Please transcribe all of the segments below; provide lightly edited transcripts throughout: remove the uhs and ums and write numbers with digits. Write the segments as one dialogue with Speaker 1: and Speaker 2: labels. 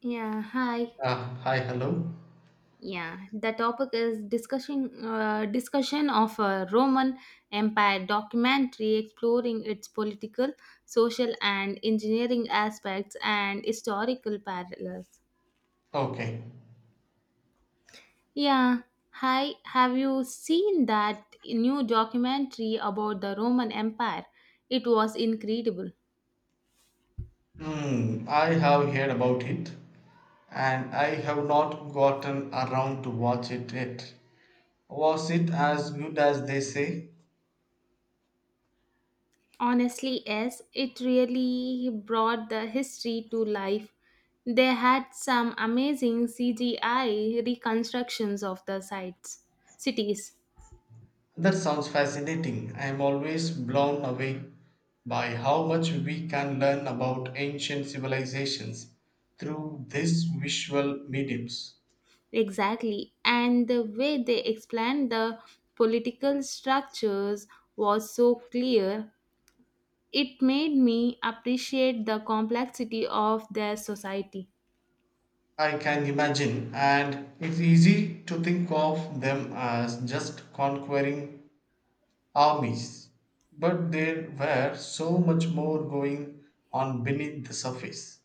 Speaker 1: Yeah, hi.
Speaker 2: Ah, hi, hello.
Speaker 1: Yeah, the topic is discussion of a Roman Empire documentary exploring its political, social, and engineering aspects and historical parallels.
Speaker 2: Okay.
Speaker 1: Yeah, hi. Have you seen that new documentary about the Roman Empire? It was incredible.
Speaker 2: Hmm, I have heard about it and I have not gotten around to watch it yet. Was it as good as they say?
Speaker 1: Honestly, yes, it really brought the history to life. They had some amazing CGI reconstructions of the sites, cities,
Speaker 2: That sounds fascinating. I am always blown away by how much we can learn about ancient civilizations through these visual mediums.
Speaker 1: exactly, and the way they explained the political structures was so clear. It made me appreciate the complexity of their society.
Speaker 2: I can imagine, and it's easy to think of them as just conquering armies, but there were so much more going on beneath the surface.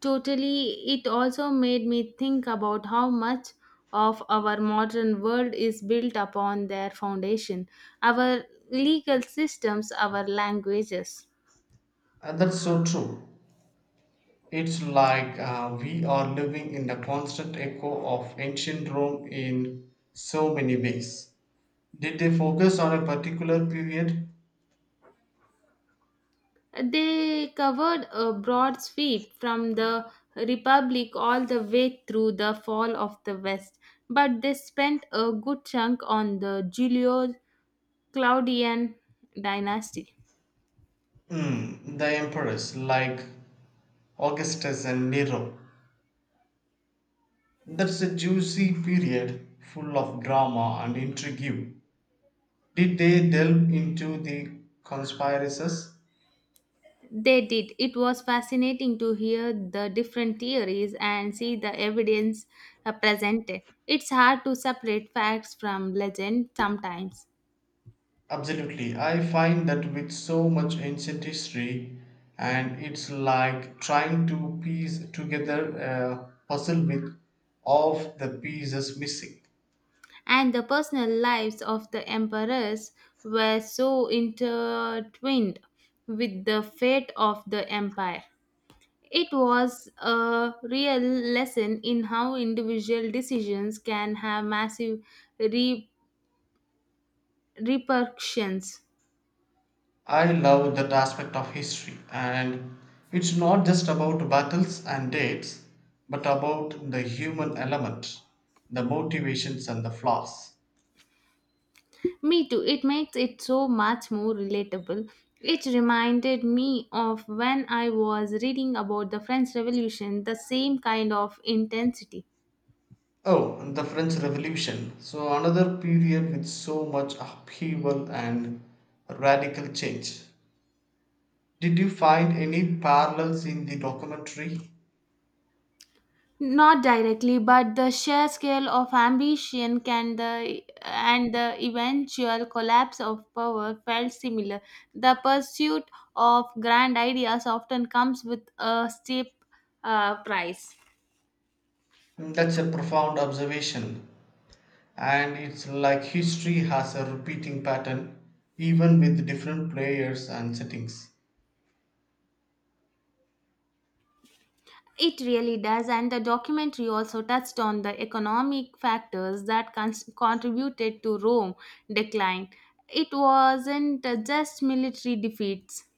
Speaker 1: Totally, it also made me think about how much of our modern world is built upon their foundation, our legal systems, our languages.
Speaker 2: And that's so true. It's like we are living in the constant echo of ancient Rome in so many ways. Did they focus on a particular period?
Speaker 1: They covered a broad sweep from the Republic all the way through the fall of the West, but they spent a good chunk on the Julio Claudian dynasty.
Speaker 2: Hmm, the emperors like Augustus and Nero. That's a juicy period full of drama and intrigue. Did they delve into the conspiracies?
Speaker 1: They did. It was fascinating to hear the different theories and see the evidence presented. It's hard to separate facts from legend sometimes.
Speaker 2: Absolutely. I find that with so much ancient history, and it's like trying to piece together a puzzle with all of the pieces missing.
Speaker 1: And the personal lives of the emperors were so intertwined with the fate of the empire. It was a real lesson in how individual decisions can have massive re- repercussions.
Speaker 2: I love that aspect of history, and it's not just about battles and dates, but about the human element, the motivations, and the flaws.
Speaker 1: Me too. It makes it so much more relatable. It reminded me of when I was reading about the French Revolution, the same kind of intensity.
Speaker 2: Oh, and the French Revolution. So, another period with so much upheaval and radical change. Did you find any parallels in the documentary?
Speaker 1: Not directly, but the sheer scale of ambition can the and the eventual collapse of power felt similar. The pursuit of grand ideas often comes with a steep price.
Speaker 2: That's a profound observation, and it's like history has a repeating pattern, even with different players and settings.
Speaker 1: It really does, and the documentary also touched on the economic factors that contributed to Rome decline. It wasn't just military defeats.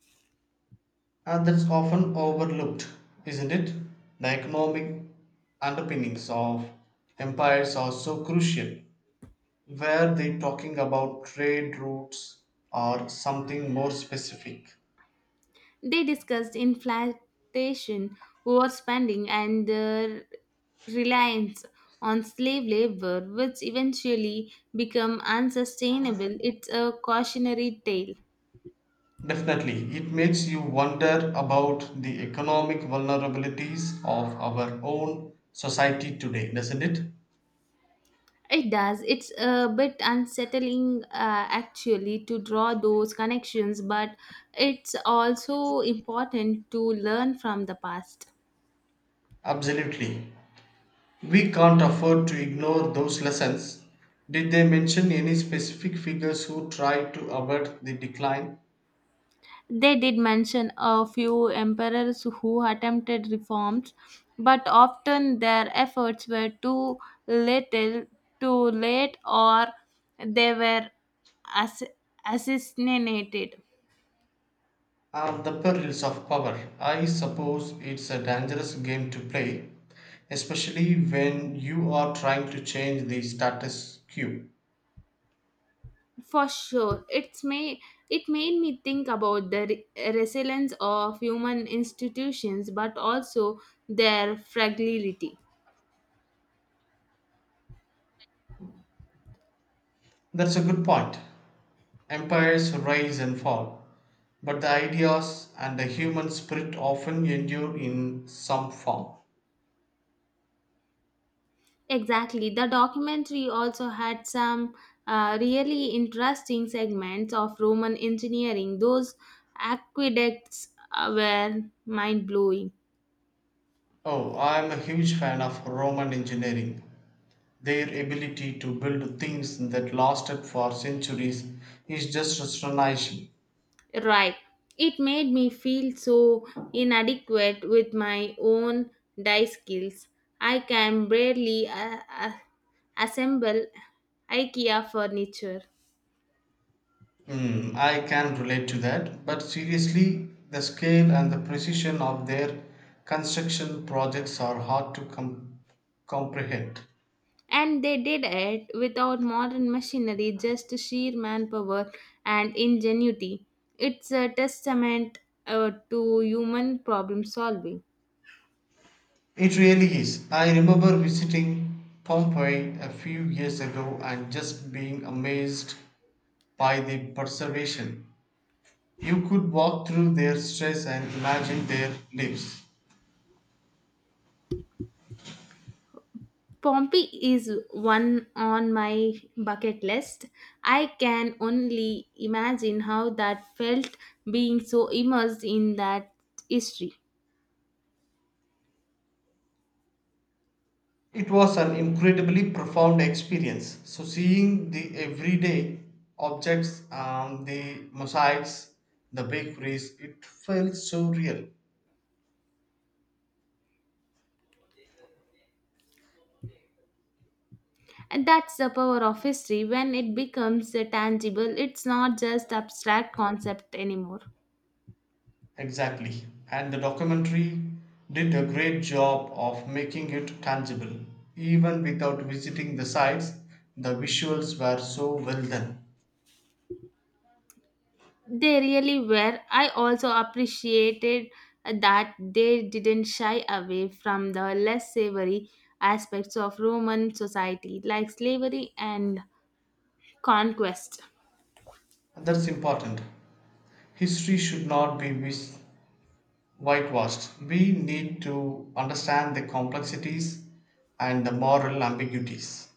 Speaker 2: And that's often overlooked, isn't it? The economic underpinnings of empires are so crucial. Were they talking about trade routes or something more specific?
Speaker 1: They discussed inflation, overspending, and the reliance on slave labor, which eventually become unsustainable. It's a cautionary tale.
Speaker 2: Definitely, it makes you wonder about the economic vulnerabilities of our own society today, doesn't it?
Speaker 1: It does. It's a bit unsettling, actually, to draw those connections, but it's also important to learn from the past.
Speaker 2: Absolutely. We can't afford to ignore those lessons. Did they mention any specific figures who tried to avert the decline
Speaker 1: They did mention a few emperors who attempted reforms, but often their efforts were too little, too late, or they were ass- assassinated.
Speaker 2: and the perils of power? I suppose it's a dangerous game to play, especially when you are trying to change the status quo.
Speaker 1: For sure, it's may it made me think about the resilience of human institutions, but also their fragility.
Speaker 2: That's a good point. Empires rise and fall, but the ideas and the human spirit often endure in some form.
Speaker 1: Exactly, the documentary also had some really interesting segments of Roman engineering. Those aqueducts were mind blowing.
Speaker 2: Oh, I'm a huge fan of Roman engineering. Their ability to build things that lasted for centuries is just astonishing.
Speaker 1: Right. It made me feel so inadequate with my own die skills. I can barely assemble IKEA furniture.
Speaker 2: Hmm, I can relate to that, but seriously, the scale and the precision of their construction projects are hard to comprehend.
Speaker 1: And they did it without modern machinery, just sheer manpower and ingenuity. It's a testament to human problem solving.
Speaker 2: It really is. I remember visiting Pompeii a few years ago and just being amazed by the preservation. You could walk through their stress and imagine their lives.
Speaker 1: Pompeii is one on my bucket list. I can only imagine how that felt being so immersed in that history.
Speaker 2: It was an incredibly profound experience. So, seeing the everyday objects, the mosaics, the bakeries, it felt so real.
Speaker 1: And that's the power of history. When it becomes tangible, it's not just abstract concept anymore.
Speaker 2: Exactly. And the documentary did a great job of making it tangible. Even without visiting the sites, the visuals were so well done.
Speaker 1: They really were. I also appreciated that they didn't shy away from the less savory aspects of Roman society like slavery and conquest.
Speaker 2: And that's important. History should not be whitewashed. We need to understand the complexities and the moral ambiguities.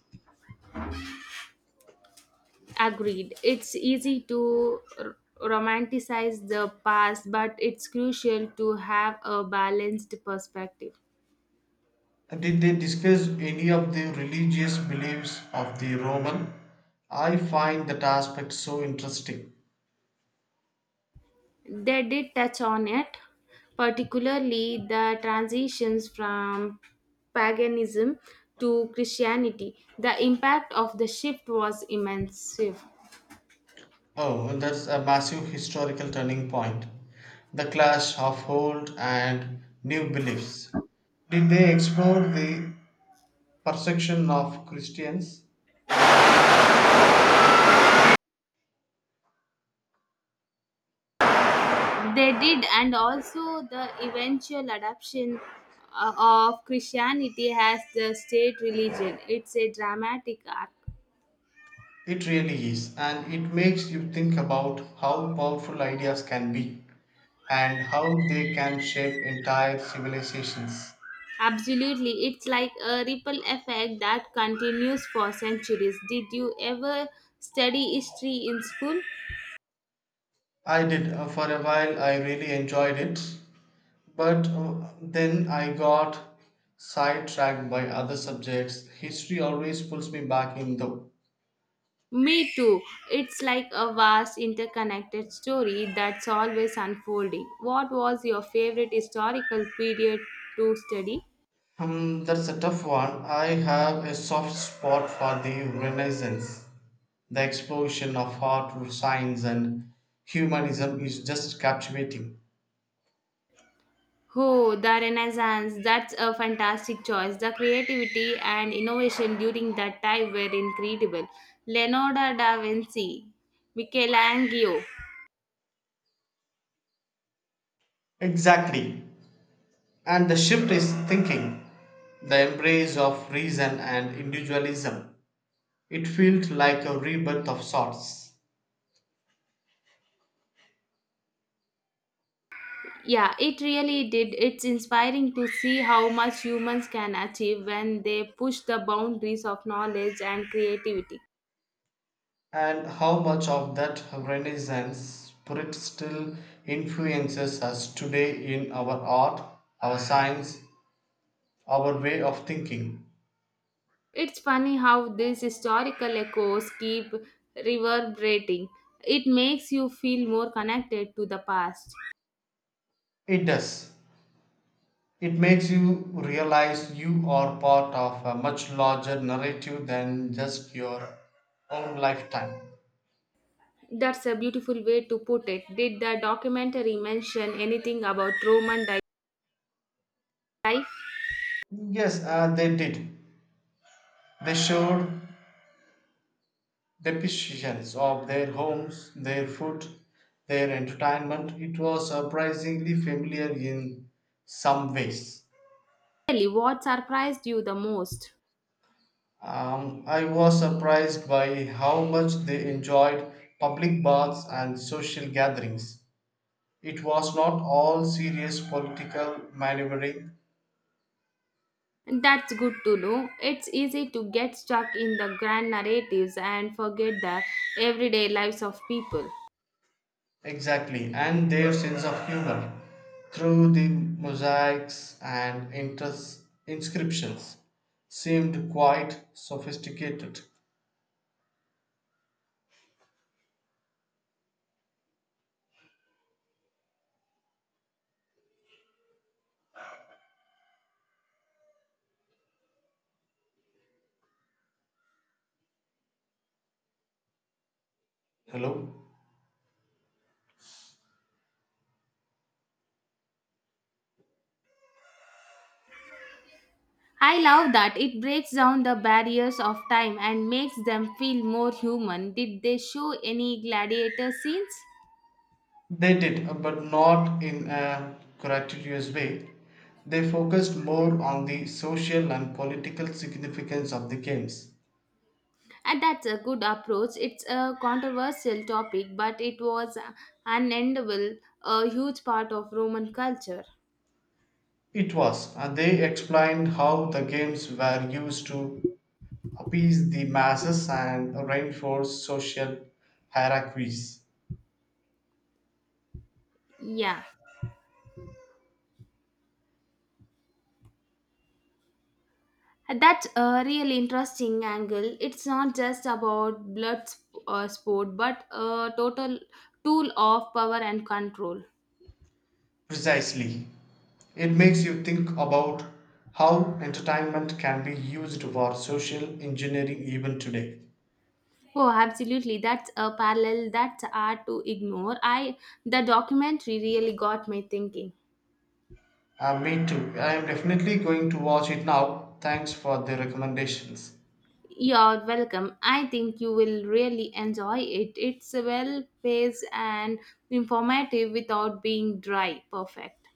Speaker 1: Agreed. It's easy to romanticize the past, but it's crucial to have a balanced perspective.
Speaker 2: Did they discuss any of the religious beliefs of the Roman? I find that aspect so interesting.
Speaker 1: They did touch on it, particularly the transitions from paganism to Christianity. The impact of the shift was immense. They
Speaker 2: Oh, that's a massive historical turning point. The clash of old and new beliefs. Did they explore the perception of Christians?
Speaker 1: did, and also the eventual adoption uh, of Christianity as the state religion. It's a dramatic arc.
Speaker 2: It really is, and it makes you think about how powerful ideas can be and how they can shape entire civilizations.
Speaker 1: Absolutely, it's like a ripple effect that continues for centuries. Did you ever study history in school?
Speaker 2: I did, for a while, I really enjoyed it. But then I got sidetracked by other subjects. History always pulls me back in though.
Speaker 1: Me too. It's like a vast interconnected story that's always unfolding. What was your favorite historical period to study?
Speaker 2: That's a tough one. I have a soft spot for the Renaissance. The explosion of art, science, and humanism is just captivating.
Speaker 1: Oh, the Renaissance. That's a fantastic choice. The creativity and innovation during that time were incredible. Leonardo da Vinci, Michelangelo,
Speaker 2: Exactly. And the shift is thinking, the embrace of reason and individualism. It felt like a rebirth of sorts.
Speaker 1: yeah, it really did. It's inspiring to see how much humans can achieve when they push the boundaries of knowledge and creativity.
Speaker 2: And how much of that Renaissance spirit still influences us today in our art, our science, our way of thinking?
Speaker 1: It's funny how these historical echoes keep reverberating. It makes you feel more connected to the past.
Speaker 2: It does. It makes you realize you are part of a much larger narrative than just your own lifetime.
Speaker 1: That's a beautiful way to put it. Did the documentary mention anything about Roman life?
Speaker 2: Yes, they did. They showed decisions of their homes, their food, their entertainment. It was surprisingly familiar in some ways.
Speaker 1: Really, what surprised you the most?
Speaker 2: I was surprised by how much they enjoyed public baths and social gatherings. It was not all serious political maneuvering,
Speaker 1: That's good to know. It's easy to get stuck in the grand narratives and forget the everyday lives of people.
Speaker 2: exactly, and their sense of humor through the mosaics and inscriptions seemed quite sophisticated. Hello?
Speaker 1: I love that it breaks down the barriers of time and makes them feel more human. Did they show any gladiator scenes?
Speaker 2: They did, but not in a gratuitous way. They focused more on the social and political significance of the games.
Speaker 1: And that's a good approach. It's a controversial topic, but it was unendable, a huge part of Roman culture.
Speaker 2: It was, they explained how the games were used to appease the masses and reinforce social hierarchies.
Speaker 1: Yeah. That's a real interesting angle. It's not just about sport, but a total tool of power and control.
Speaker 2: Precisely. It makes you think about how entertainment can be used for social engineering even today.
Speaker 1: Oh, absolutely. That's a parallel that's hard to ignore. I the documentary really got me thinking.
Speaker 2: Me too. I am definitely going to watch it now. Thanks for the recommendations.
Speaker 1: You're welcome. I think you will really enjoy it. It's well paced and informative without being dry. Perfect.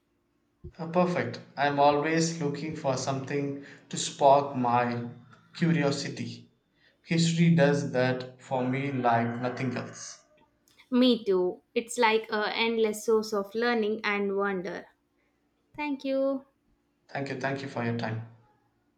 Speaker 2: Perfect. I am always looking for something to spark my curiosity. History does that for me like nothing else.
Speaker 1: Me too. It's like a endless source of learning and wonder. Thank you.
Speaker 2: Thank you. Thank you for your time.